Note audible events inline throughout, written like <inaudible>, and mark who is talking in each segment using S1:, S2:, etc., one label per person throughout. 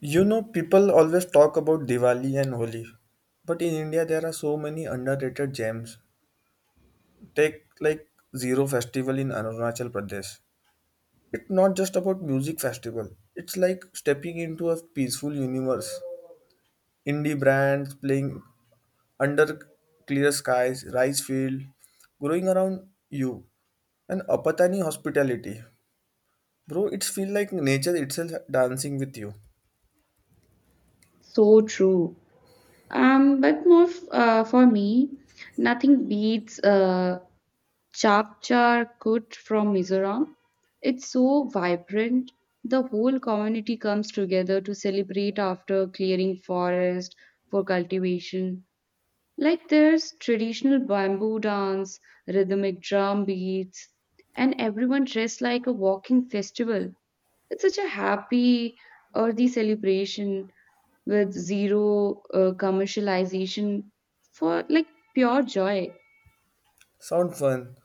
S1: People always talk about Diwali and Holi, but in India there are so many underrated gems. Take like Zero Festival in Arunachal Pradesh. It's not just about music festival. It's like stepping into a peaceful universe. Indie brands playing under clear skies, rice field growing around you, and Apatani hospitality. Bro, it's feel like nature itself dancing with you.
S2: So true. But more for me, nothing beats Chap Char Kut from Mizoram. It's so vibrant. The whole community comes together to celebrate after clearing forest for cultivation. Like there's traditional bamboo dance, rhythmic drum beats, and everyone dressed like a walking festival. It's such a happy, earthy celebration with zero commercialization for like pure joy.
S1: Sound fun,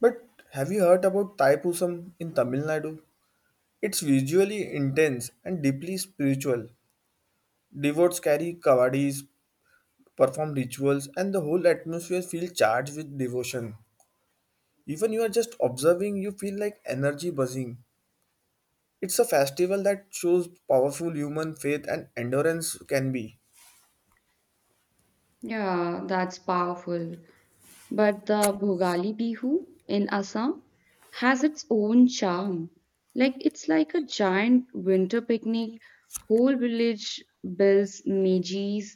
S1: but have you heard about Thaipusam in Tamil Nadu? It's visually intense and deeply spiritual. Devotees carry kavadis, perform rituals, and the whole atmosphere feels charged with devotion. Even you are just observing, you feel like energy buzzing. It's a festival that shows powerful human faith and endurance can be.
S2: Yeah, that's powerful. But the Bhogali Bihu in Assam has its own charm. Like it's like a giant winter picnic. Whole village builds mejis,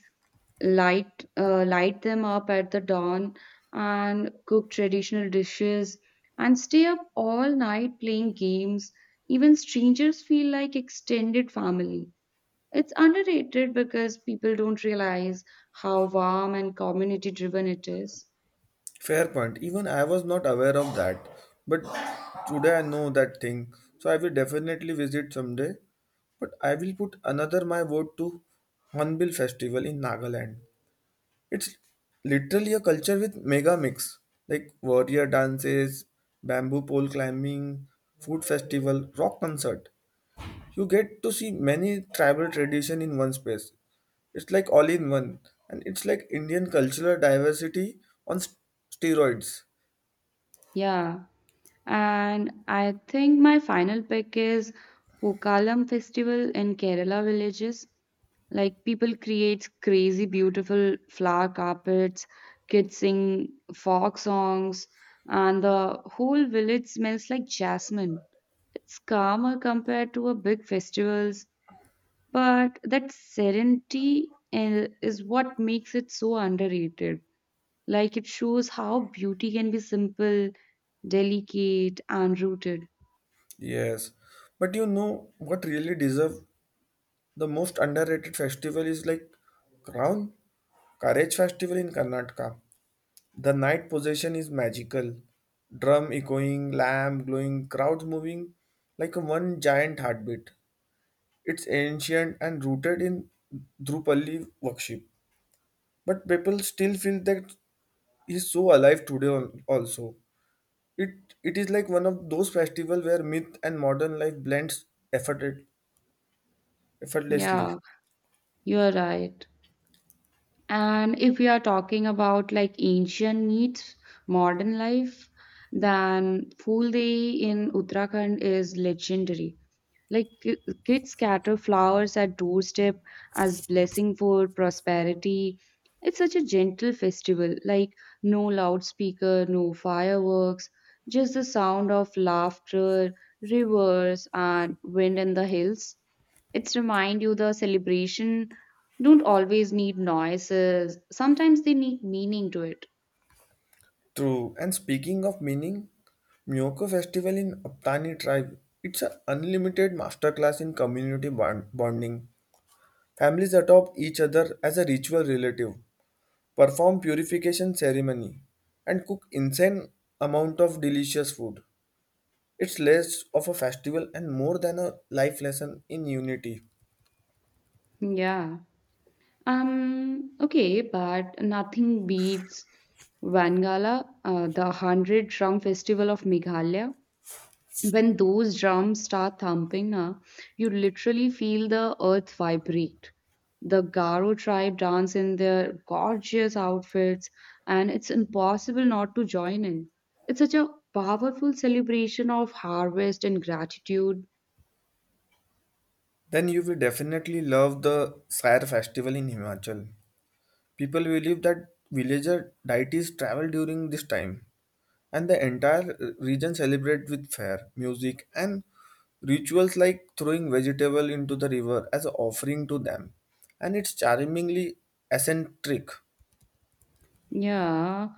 S2: light them up at the dawn, and cook traditional dishes, and stay up all night playing games. Even strangers feel like extended family. It's underrated because people don't realize how warm and community driven it is.
S1: Fair point. Even I was not aware of that. But today I know that thing. So I will definitely visit someday. But I will put another my vote to Hornbill Festival in Nagaland. It's literally a culture with mega mix like warrior dances, bamboo pole climbing, food festival, rock concert. You get to see many tribal tradition in one space. It's like all in one, and it's like Indian cultural diversity on steroids.
S2: Yeah. And I think my final pick is Pokalam festival in Kerala villages. Like people create crazy beautiful flower carpets, kids sing folk songs, and the whole village smells like jasmine. It's calmer compared to a big festivals, but that serenity is what makes it so underrated. Like it shows how beauty can be simple, delicate, and rooted.
S1: Yes, but you know what really deserve the most underrated festival is like Crown Courage Festival in Karnataka. The night possession is magical. Drum echoing, lamp glowing, crowds moving like one giant heartbeat. It's ancient and rooted in Drupali worship, but people still feel that he's so alive today also. It is like one of those festivals where myth and modern life blends effort, effortlessly.
S2: Yeah, you're right. And if we are talking about like ancient needs, modern life, then Phul Day in Uttarakhand is legendary. Like kids scatter flowers at doorstep as blessing for prosperity. It's such a gentle festival, like no loudspeaker, no fireworks, just the sound of laughter, rivers and wind in the hills. It's remind you the celebration don't always need noises. Sometimes they need meaning to it.
S1: True. And speaking of meaning, Miyoko Festival in Aptani tribe, it's an unlimited masterclass in community bonding. Families adopt each other as a ritual relative, perform purification ceremony, and cook insane amount of delicious food. It's less of a festival and more than a life lesson in unity.
S2: Yeah. Okay, but nothing beats Wangala, the 100 drum festival of Meghalaya. When those drums start thumping, na, you literally feel the earth vibrate. The Garo tribe dance in their gorgeous outfits, and it's impossible not to join in. It's such a powerful celebration of harvest and gratitude.
S1: Then you will definitely love the Sire festival in Himachal. People believe that villager deities travel during this time, and the entire region celebrate with fair music and rituals like throwing vegetable into the river as an offering to them. And it's charmingly eccentric.
S2: Yeah,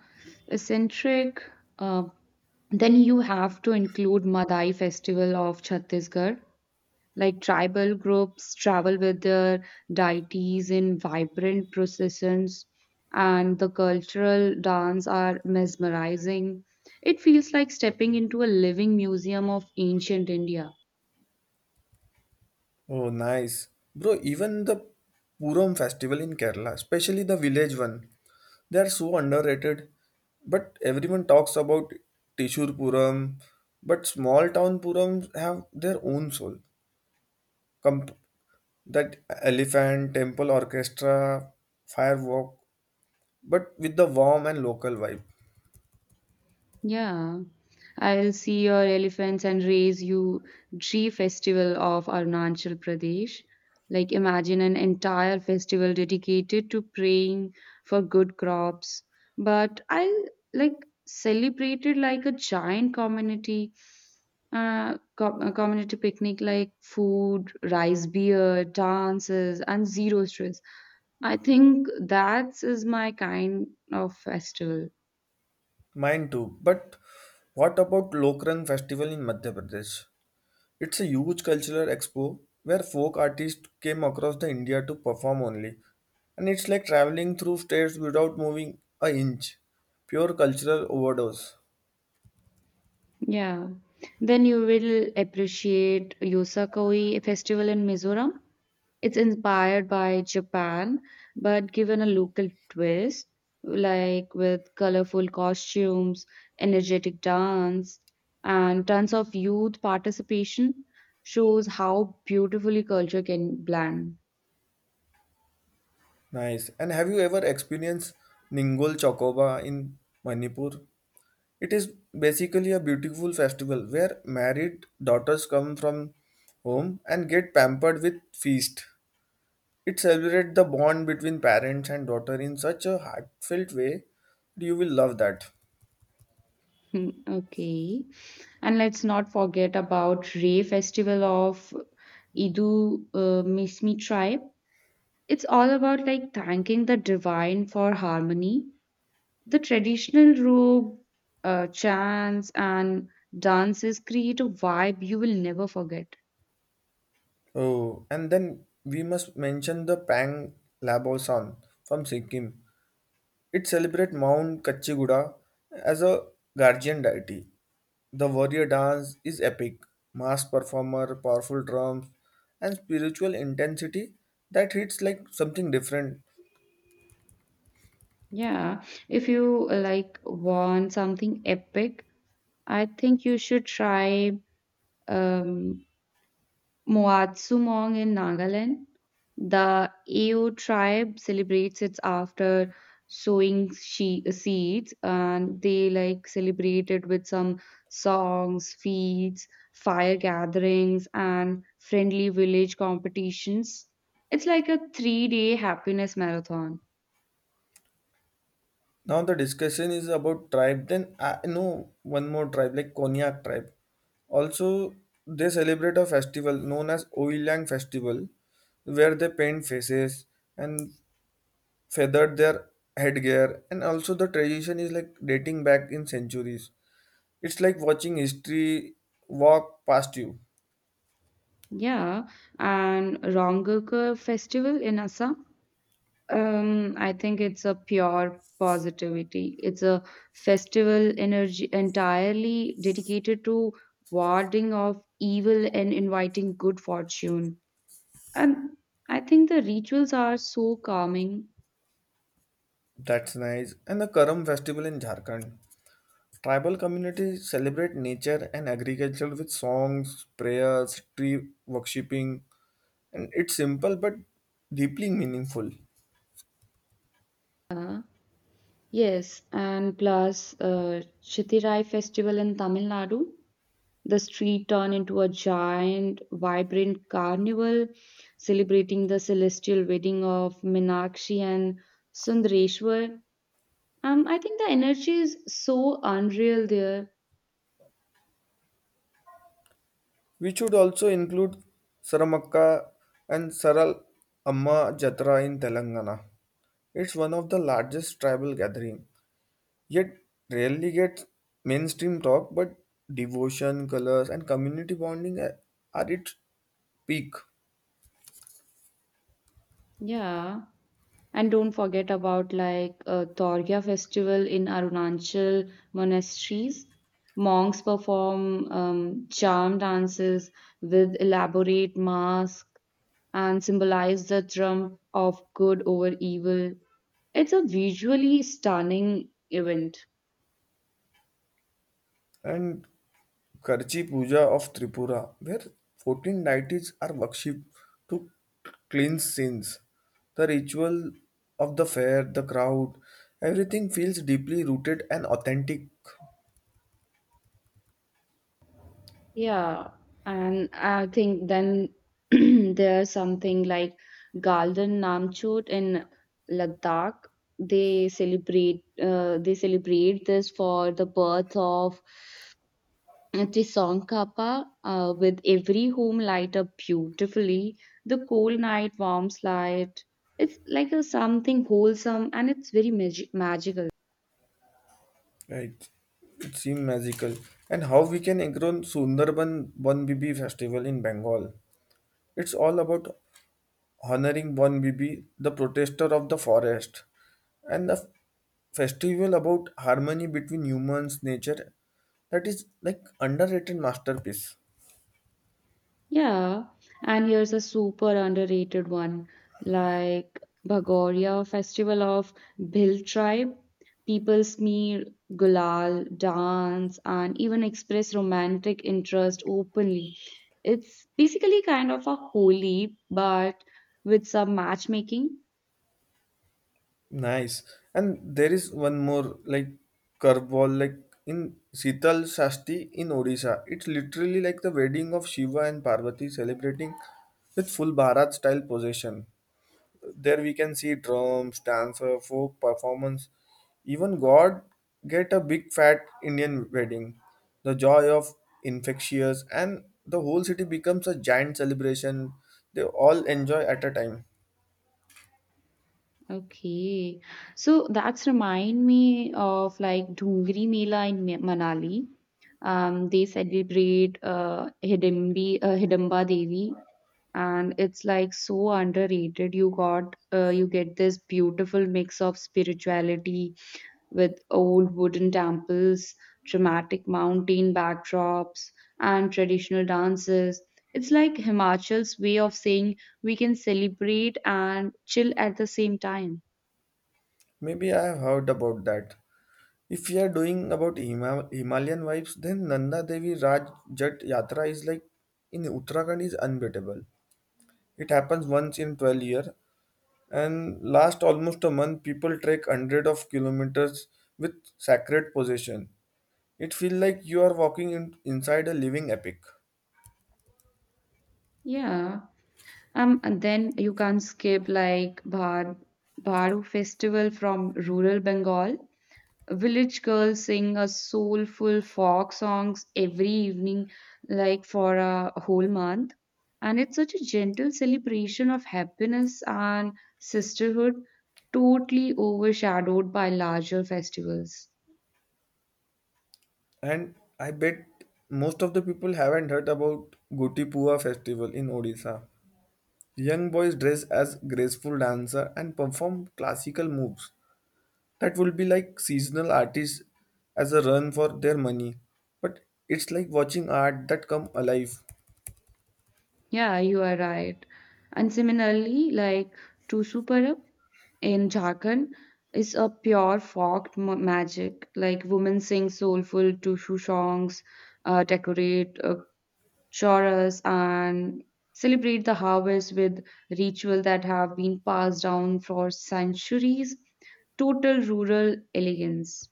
S2: eccentric. Uh, then you have to include Madai Festival of Chhattisgarh. Like tribal groups travel with their deities in vibrant processions, and the cultural dance are mesmerizing. It feels like stepping into a living museum of ancient India.
S1: Oh, nice, bro. Even the puram festival in Kerala, especially the village one, they are so underrated. But everyone talks about Tishur Puram, but small town purams have their own soul. Com- that elephant temple orchestra, firework, but with the warm and local vibe.
S2: Yeah. I'll see your elephants and raise you tree festival of Arunachal Pradesh. Like imagine an entire festival dedicated to praying for good crops. But I'll like celebrate it like a giant community a community picnic like food, rice, beer, dances, and zero stress. I think that is my kind of festival.
S1: Mine too. But what about Lokran Festival in Madhya Pradesh? It's a huge cultural expo where folk artists came across the India to perform only. And it's like traveling through states without moving a inch. Pure cultural overdose.
S2: Yeah. Then you will appreciate Yosakoi Festival in Mizoram. It's inspired by Japan, but given a local twist, like with colorful costumes, energetic dance, and tons of youth participation, shows how beautifully culture can blend.
S1: Nice. And have you ever experienced Ningol Chokoba in Manipur? It is basically a beautiful festival where married daughters come from home and get pampered with feast. It celebrates the bond between parents and daughter in such a heartfelt way. You will love that.
S2: Hmm. Okay. And let's not forget about Ray Festival of Idu Mismi tribe. It's all about like thanking the divine for harmony. The traditional robe, chants, and dances create a vibe you will never forget.
S1: Oh, and then we must mention the Pang Labo song from Sikkim. It celebrates Mount Kachiguda as a guardian deity. The warrior dance is epic, mass performer, powerful drums, and spiritual intensity that hits like something different.
S2: Yeah, if you like want something epic, I think you should try um, Moatsumong in Nagaland. The Ao tribe celebrates it after sowing seeds, and they like celebrate it with some songs, feasts, fire gatherings, and friendly village competitions. It's like a three-day happiness marathon.
S1: Now the discussion is about tribe. Then I know one more tribe like Konyak tribe. Also, they celebrate a festival known as Oilang Festival, where they paint faces and feathered their headgear, and also the tradition is like dating back in centuries. It's like watching history walk past you.
S2: Yeah, and Rongoku festival in Assam. I think it's a pure positivity. It's a festival energy entirely dedicated to warding off evil and inviting good fortune. And I think the rituals are so calming.
S1: That's nice. And the Karam festival in Jharkhand, tribal communities celebrate nature and agriculture with songs, prayers, tree worshipping, and it's simple but deeply meaningful.
S2: Uh, yes, and plus Chittirai festival in Tamil Nadu, the street turned into a giant, vibrant carnival celebrating the celestial wedding of Minakshi and Sundareshwar. I think the energy is so unreal there.
S1: We should also include Saramaka and Saral Amma Jatra in Telangana. It's one of the largest tribal gathering, yet rarely gets mainstream talk. But devotion, colors, and community bonding are its peak.
S2: Yeah. And don't forget about like Torgya festival in Arunachal monasteries. Monks perform charm dances with elaborate masks and symbolize the triumph of good over evil. It's a visually stunning event.
S1: And Karchi Puja of Tripura, where 14 deities are worshipped to cleanse sins. The ritual of the fair, the crowd, everything feels deeply rooted and authentic.
S2: Yeah, and I think then <clears throat> there's something like Galdan Namchot in Ladakh. They celebrate this for the birth of Tsongkhapa. With every home light up beautifully, the cold night warms light. It's like a something wholesome and it's very magical.
S1: Right. It seems magical. And how we can engrow Sundarban One Bibi festival in Bengal. It's all about honoring Bon Bibi, the protester of the forest, and the festival about harmony between humans, nature. That is like underrated masterpiece.
S2: Yeah, and here's a super underrated one like Bhagoria festival of Bhill tribe. People smear gulal, dance, and even express romantic interest openly. It's basically kind of a holy, but with some matchmaking.
S1: Nice. And there is one more like curveball like in Sital Shasti in Odisha. It's literally like the wedding of Shiva and Parvati celebrating with full Bharat style possession. There we can see drums, dancer, folk performance. Even god get a big fat Indian wedding. The joy of infectious, and the whole city becomes a giant celebration. They all enjoy at a time.
S2: Okay, so that's remind me of like Dungri Mela in Manali. They celebrate Hidimba Devi, and it's like so underrated. You got you get this beautiful mix of spirituality with old wooden temples, dramatic mountain backdrops, and traditional dances. It's like Himachal's way of saying we can celebrate and chill at the same time.
S1: Maybe I have heard about that. If we are doing about himalayan vibes, then Nanda Devi Raj Jat Yatra is like in Uttarakhand is unbeatable. It happens once in 12 year and last almost a month. People trek hundred of kilometers with sacred possession. It feels like you are inside a living epic.
S2: Yeah. And then you can't skip like Bharu festival from rural Bengal. Village girls sing a soulful folk songs every evening, like for a whole month. And it's such a gentle celebration of happiness and sisterhood, totally overshadowed by larger festivals.
S1: And I bet most of the people haven't heard about Goti Pua festival in Odisha. Young boys dress as graceful dancer and perform classical moves that will be like seasonal artists as a run for their money. But it's like watching art that come alive.
S2: Yeah, you are right. And similarly, like to Superb in Jharkhand is a pure folk magic. Like women sing soulful Tushu songs, decorate chorus, and celebrate the harvest with ritual that have been passed down for centuries. Total rural elegance.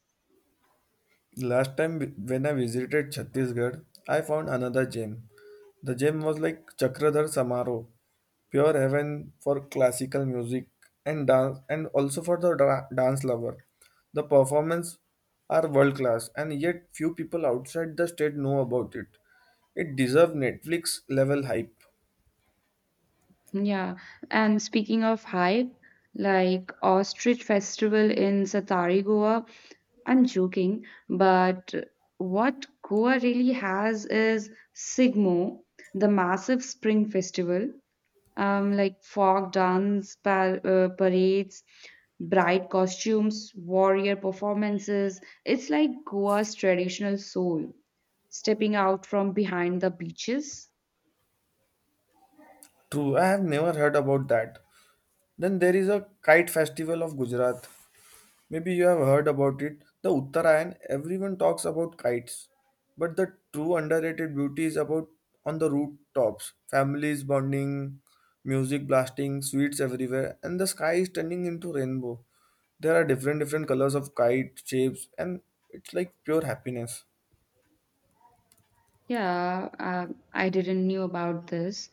S1: Last time when I visited Chhattisgarh, I found another gem. The gem was like Chakradhar Samaro, pure heaven for classical music and dance, and also for the dance lover. The performance are world class, and yet few people outside the state know about it. It deserves Netflix level hype.
S2: Yeah, and speaking of hype, like Ostrich Festival in Satari, Goa. I'm joking, but what Goa really has is Sigmo, the massive spring festival, like folk dance, parades, bright costumes, warrior performances. It's like Goa's traditional soul stepping out from behind the beaches.
S1: True, I have never heard about that. Then there is a kite festival of Gujarat. Maybe you have heard about it. The Uttarayan, everyone talks about kites. But the true underrated beauty is about on the rooftops. Families bonding, music blasting, sweets everywhere, and the sky is turning into rainbow. There are different different colors of kite shapes, and it's like pure happiness.
S2: Yeah, I didn't knew about this,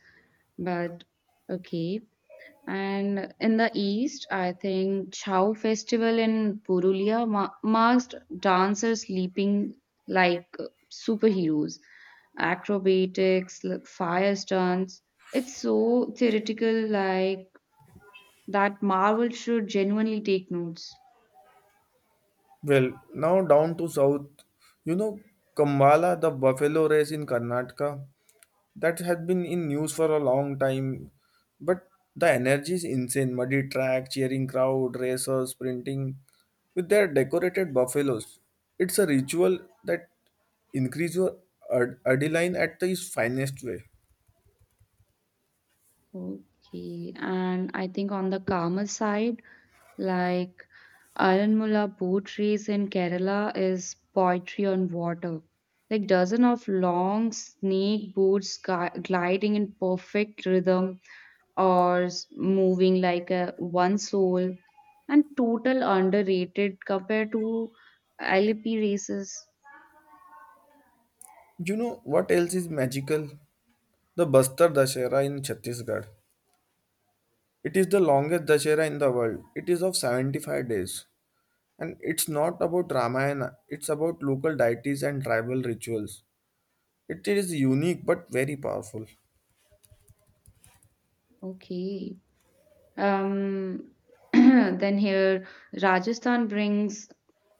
S2: but okay. And in the east, I think Chhau festival in Purulia marks dancers leaping like superheroes, acrobatics, like fire stunts. It's so theoretical, like that Marvel should genuinely take notes.
S1: Well, now down to south. You know Kambala, the buffalo race in Karnataka. That had been in news for a long time. But the energy is insane. Muddy track, cheering crowd, racers sprinting with their decorated buffaloes. It's a ritual that increase your adrenaline at its finest way.
S2: Okay, and I think on the Karma side, like Ironmula boat race in Kerala is poetry on water. Like dozen of long snake boats gliding in perfect rhythm or moving like a one soul and total underrated compared to LP races.
S1: You know what else is magical? The Bastar Dashera in Chhattisgarh. It is the longest Dashera in the world. It is of 75 days. And it's not about Ramayana, it's about local deities and tribal rituals. It is unique but very powerful.
S2: Okay. Um, <clears throat> then here, Rajasthan brings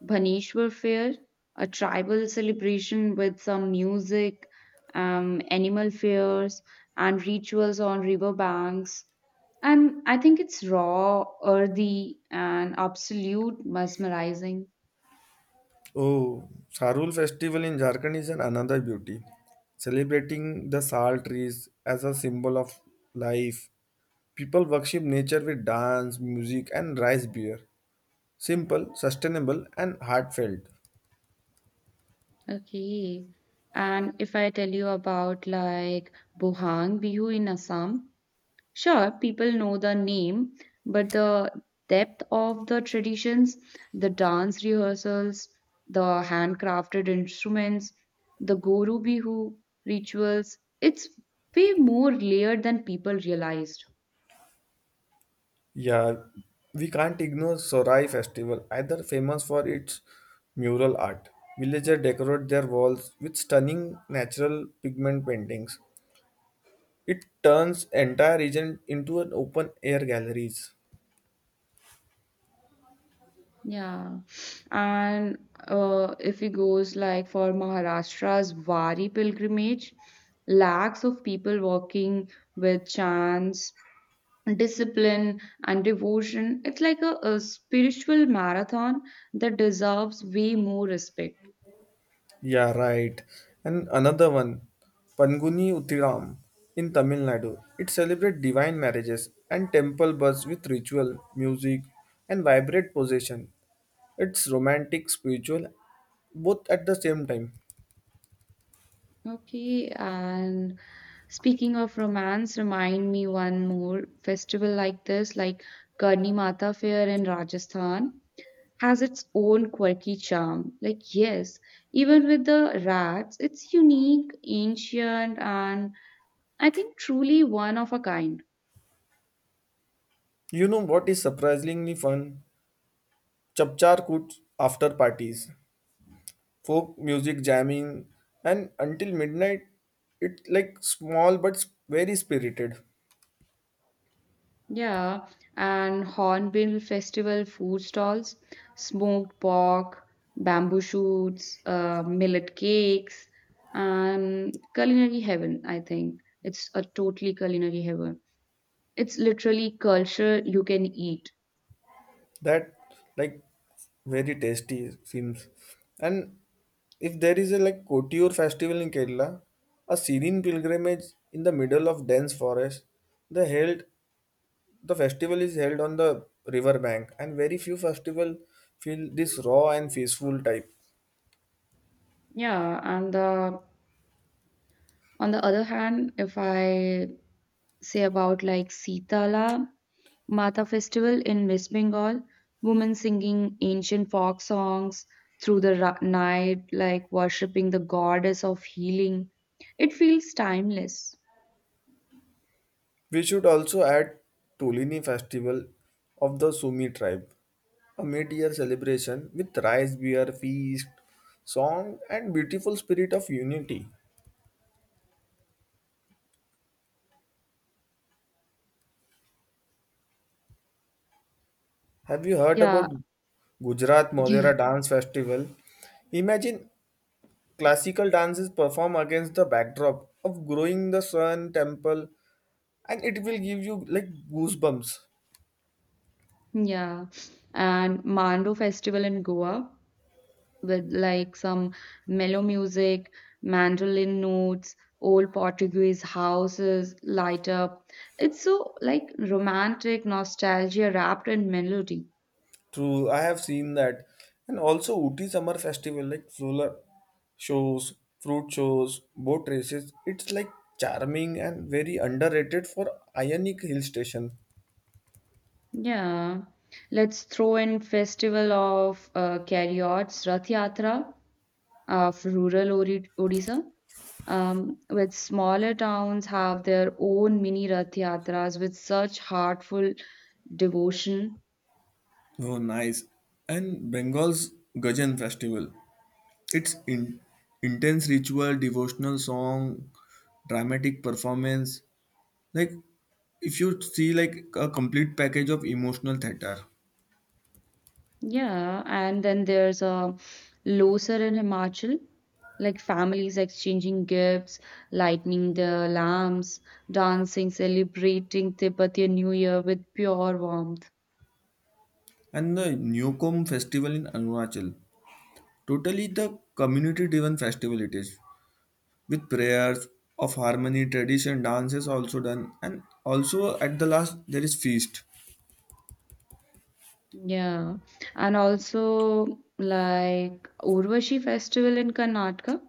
S2: Bhaneshwar Fair, a tribal celebration with some music, animal fairs, and rituals on river banks. And I think it's raw, earthy, and absolute mesmerizing.
S1: Oh, Sarul festival in Jharkhand is an another beauty. Celebrating the sal trees as a symbol of life. People worship nature with dance, music, and rice beer. Simple, sustainable, and heartfelt.
S2: Okay. And if I tell you about like Bohang Bihu in Assam, sure, people know the name, but the depth of the traditions, the dance rehearsals, the handcrafted instruments, the Goru Bihu rituals, it's way more layered than people realized.
S1: Yeah, we can't ignore Sorai festival, either famous for its mural art. Villagers decorate their walls with stunning natural pigment paintings. It turns entire region into an open air galleries.
S2: Yeah, and if it goes like for Maharashtra's Wari pilgrimage, lakhs of people walking with chants, discipline and devotion. It's like a spiritual marathon that deserves way more respect.
S1: Yeah, right. And another one, Panguni Uttiram in Tamil Nadu. It celebrates divine marriages and temple bus with ritual, music, and vibrant possession. It's romantic, spiritual, both at the same time.
S2: Okay, and speaking of romance, remind me one more festival like this, like Karni Mata Fair in Rajasthan, has its own quirky charm. Like, yes, even with the rats, it's unique, ancient, and I think truly one of a kind.
S1: You know what is surprisingly fun? Chapchar Kut after parties. Folk music jamming and until midnight, it like small but very spirited.
S2: Yeah, and Hornbill Festival food stalls, smoked pork, bamboo shoots, millet cakes, and culinary heaven, I think. It's a totally culinary heaven. It's literally culture you can eat.
S1: That like very tasty it seems. And if there is a like Kotiur festival in Kerala, a serene pilgrimage in the middle of dense forest, the held the festival is held on the river bank. And very few festival feel this raw and peaceful type.
S2: Yeah, and on the other hand, if I say about like Sitala Mata festival in West Bengal, women singing ancient folk songs through the night, like worshipping the goddess of healing. It feels timeless.
S1: We should also add Tolini Festival of the Sumi tribe, a mid-year celebration with rice, beer, feast, song, and beautiful spirit of unity. Have you heard
S2: Yeah,
S1: about Gujarat
S2: yeah,
S1: Modera Dance Festival? Imagine classical dances performed against the backdrop of growing the sun temple, and it will give you like goosebumps.
S2: yeah. And Mando festival in Goa with like some mellow music, mandolin notes, old Portuguese houses light up. It's so like romantic nostalgia wrapped in melody.
S1: True, I have seen that. And also Ooty Summer Festival, like solar shows, fruit shows, boat races. It's like charming and very underrated for Ionic Hill Station.
S2: Yeah, let's throw in festival of Kariots, Rath Yatra of rural Ori Odisha, with smaller towns have their own mini Rath Yatras with such heartful devotion.
S1: Oh, nice. And Bengal's Gajan Festival. It's intense ritual, devotional song, dramatic performance. Like, if you see like a complete package of emotional theater.
S2: Yeah, and then there's a Losar in Himachal, like families exchanging gifts, lighting the lamps, dancing, celebrating Tibetan New Year with pure warmth.
S1: And the Neokom Festival in Arunachal. Totally the community driven festival it is, with prayers of harmony, tradition dance is also done, and also at the last there is feast.
S2: Yeah, and also like Urvashi Festival in Karnataka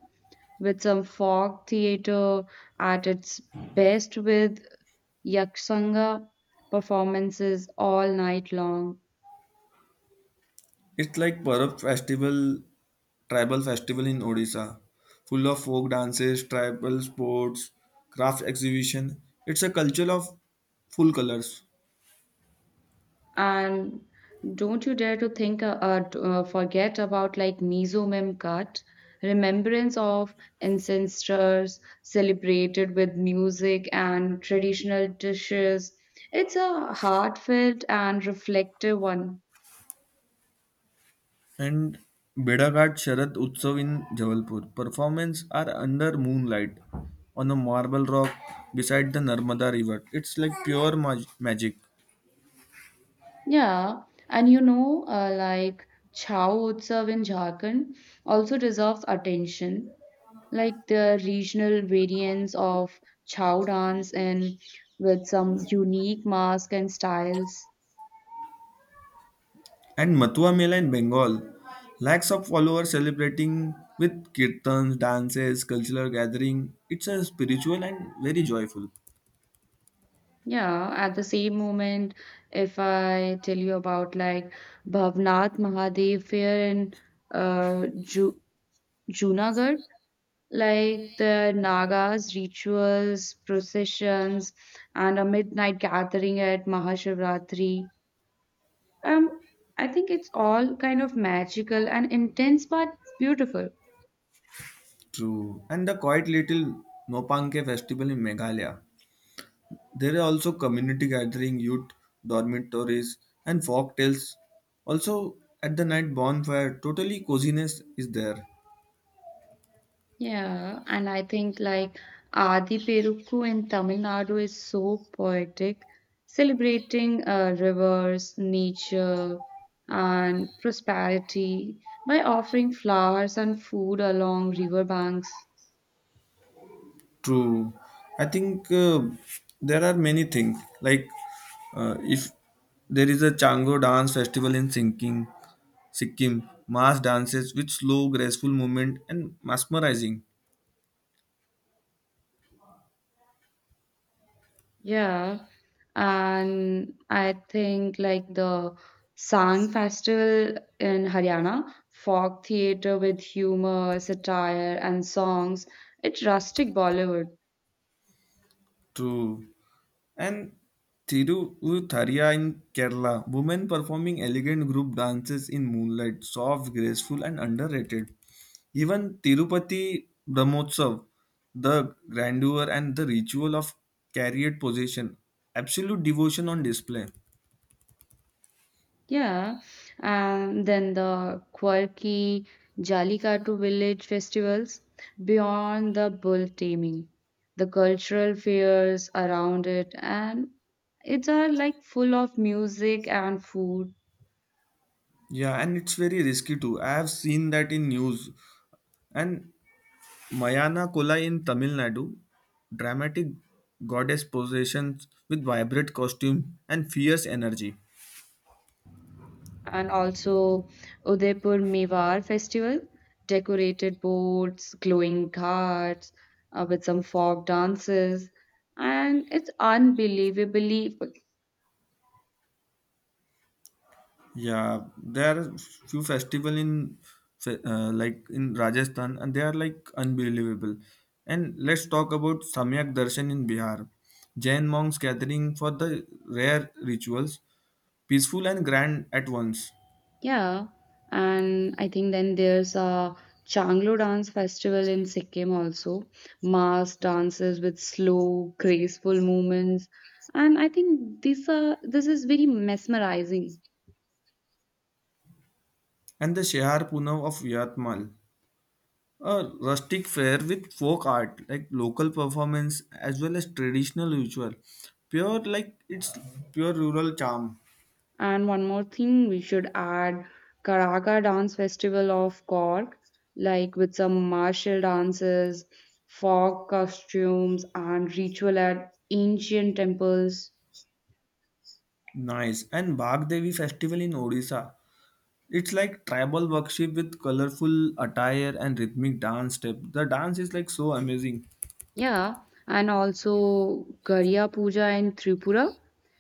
S2: with some folk theater at its best with Yaksanga performances all night long.
S1: It's like Parab festival, tribal festival in Odisha, full of folk dances, tribal sports, craft exhibition. It's a culture of full colors.
S2: And don't you dare to think, forget about like mesomem cut, remembrance of ancestors celebrated with music and traditional dishes. It's a heartfelt and reflective one.
S1: And Bedaghat Sharad Utsav in Jabalpur. Performances are under moonlight on a marble rock beside the Narmada River. It's like pure magic.
S2: Yeah, and you know, like Chao Utsav in Jharkhand also deserves attention. Like the regional variants of chow dance and with some unique mask and styles.
S1: And Matua Mela in Bengal. Lakhs of followers celebrating with kirtans, dances, cultural gathering. It's a spiritual and very joyful.
S2: Yeah, at the same moment, if I tell you about like Bhavnath Mahadev Fair in uh, Ju- Junagadh, like the Nagas rituals, processions, and a midnight gathering at Mahashivratri. Um, I think it's all kind of magical and intense, but beautiful.
S1: True. And the quiet little Nopanke festival in Meghalaya. There are also community gathering, youth dormitories, and folk tales. Also, at the night bonfire, totally coziness is there.
S2: Yeah, and I think like Adi Perukku in Tamil Nadu is so poetic, celebrating rivers, nature, and prosperity by offering flowers and food along riverbanks.
S1: True. I think there are many things. Like if there is a Chango dance festival in Sinking, Sikkim, mass dances with slow, graceful movement and mesmerizing.
S2: Yeah, and I think like the Sang Festival in Haryana, folk theater with humor, satire, and songs. It's rustic Bollywood.
S1: True. And Thiruvutharia in Kerala, women performing elegant group dances in moonlight, soft, graceful, and underrated. Even Tirupati Brahmotsav, the grandeur and the ritual of chariot position, absolute devotion on display.
S2: Yeah, and then the quirky Jallikattu village festivals beyond the bull taming, the cultural fairs around it, and it's are like full of music and food,
S1: Yeah, and it's very risky too. I have seen that in news, and Mayana Kola in Tamil Nadu, dramatic goddess possessions with vibrant costume and fierce energy.
S2: and also Udaipur Mewar festival, decorated boats, glowing carts, with some folk dances, and it's unbelievably.
S1: Yeah, there are few festival in like in Rajasthan, and they are like unbelievable. And let's talk about Samyak Darshan in Bihar. Jain monks gathering for the rare rituals, peaceful and grand at once.
S2: Yeah, and I think then there's a Changlo dance festival in Sikkim also. Mass dances with slow, graceful movements, and I think this is very mesmerizing.
S1: And the Shehar Punav of Yatmal. A rustic fair with folk art like local performance as well as traditional ritual. Pure like it's Pure rural charm.
S2: And one more thing we should add: Karaka Dance Festival of Cork, like with some martial dances, folk costumes, and ritual at ancient temples.
S1: Nice. And Bhag Devi festival in Odisha, it's like tribal worship with colorful attire and rhythmic dance step. The dance is like so amazing.
S2: Yeah, and also Garya Puja in Tripura,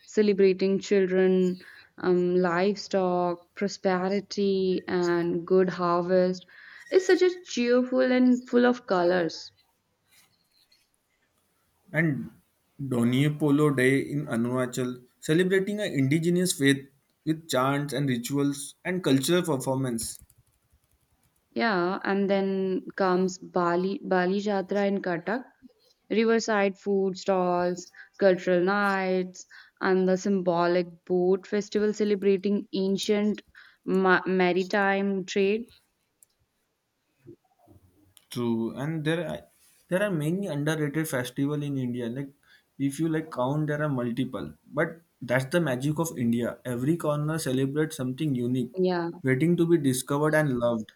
S2: celebrating children, livestock, prosperity, and good harvest. It's such a cheerful and full of colors.
S1: And Doniye Polo Day in Arunachal, celebrating an indigenous faith with chants and rituals and cultural performance.
S2: Yeah, and then comes Bali Bali Jatra in Cuttack, riverside food stalls, cultural nights, and the symbolic boat festival celebrating ancient ma maritime trade.
S1: True, and there are many underrated festival in India. Like if you like count, there are multiple. But that's the magic of India. Every corner celebrates something unique,
S2: Yeah.
S1: waiting to be discovered and loved.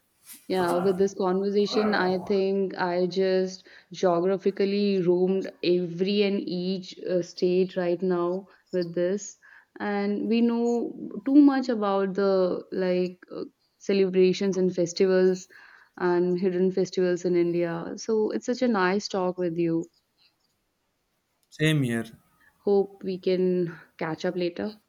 S2: Yeah, with this conversation, I think I just geographically roamed every and each state right now with this. And we know too much about the like celebrations and festivals and hidden festivals in India. So it's such a nice talk with you.
S1: Same here.
S2: Hope we can catch up later.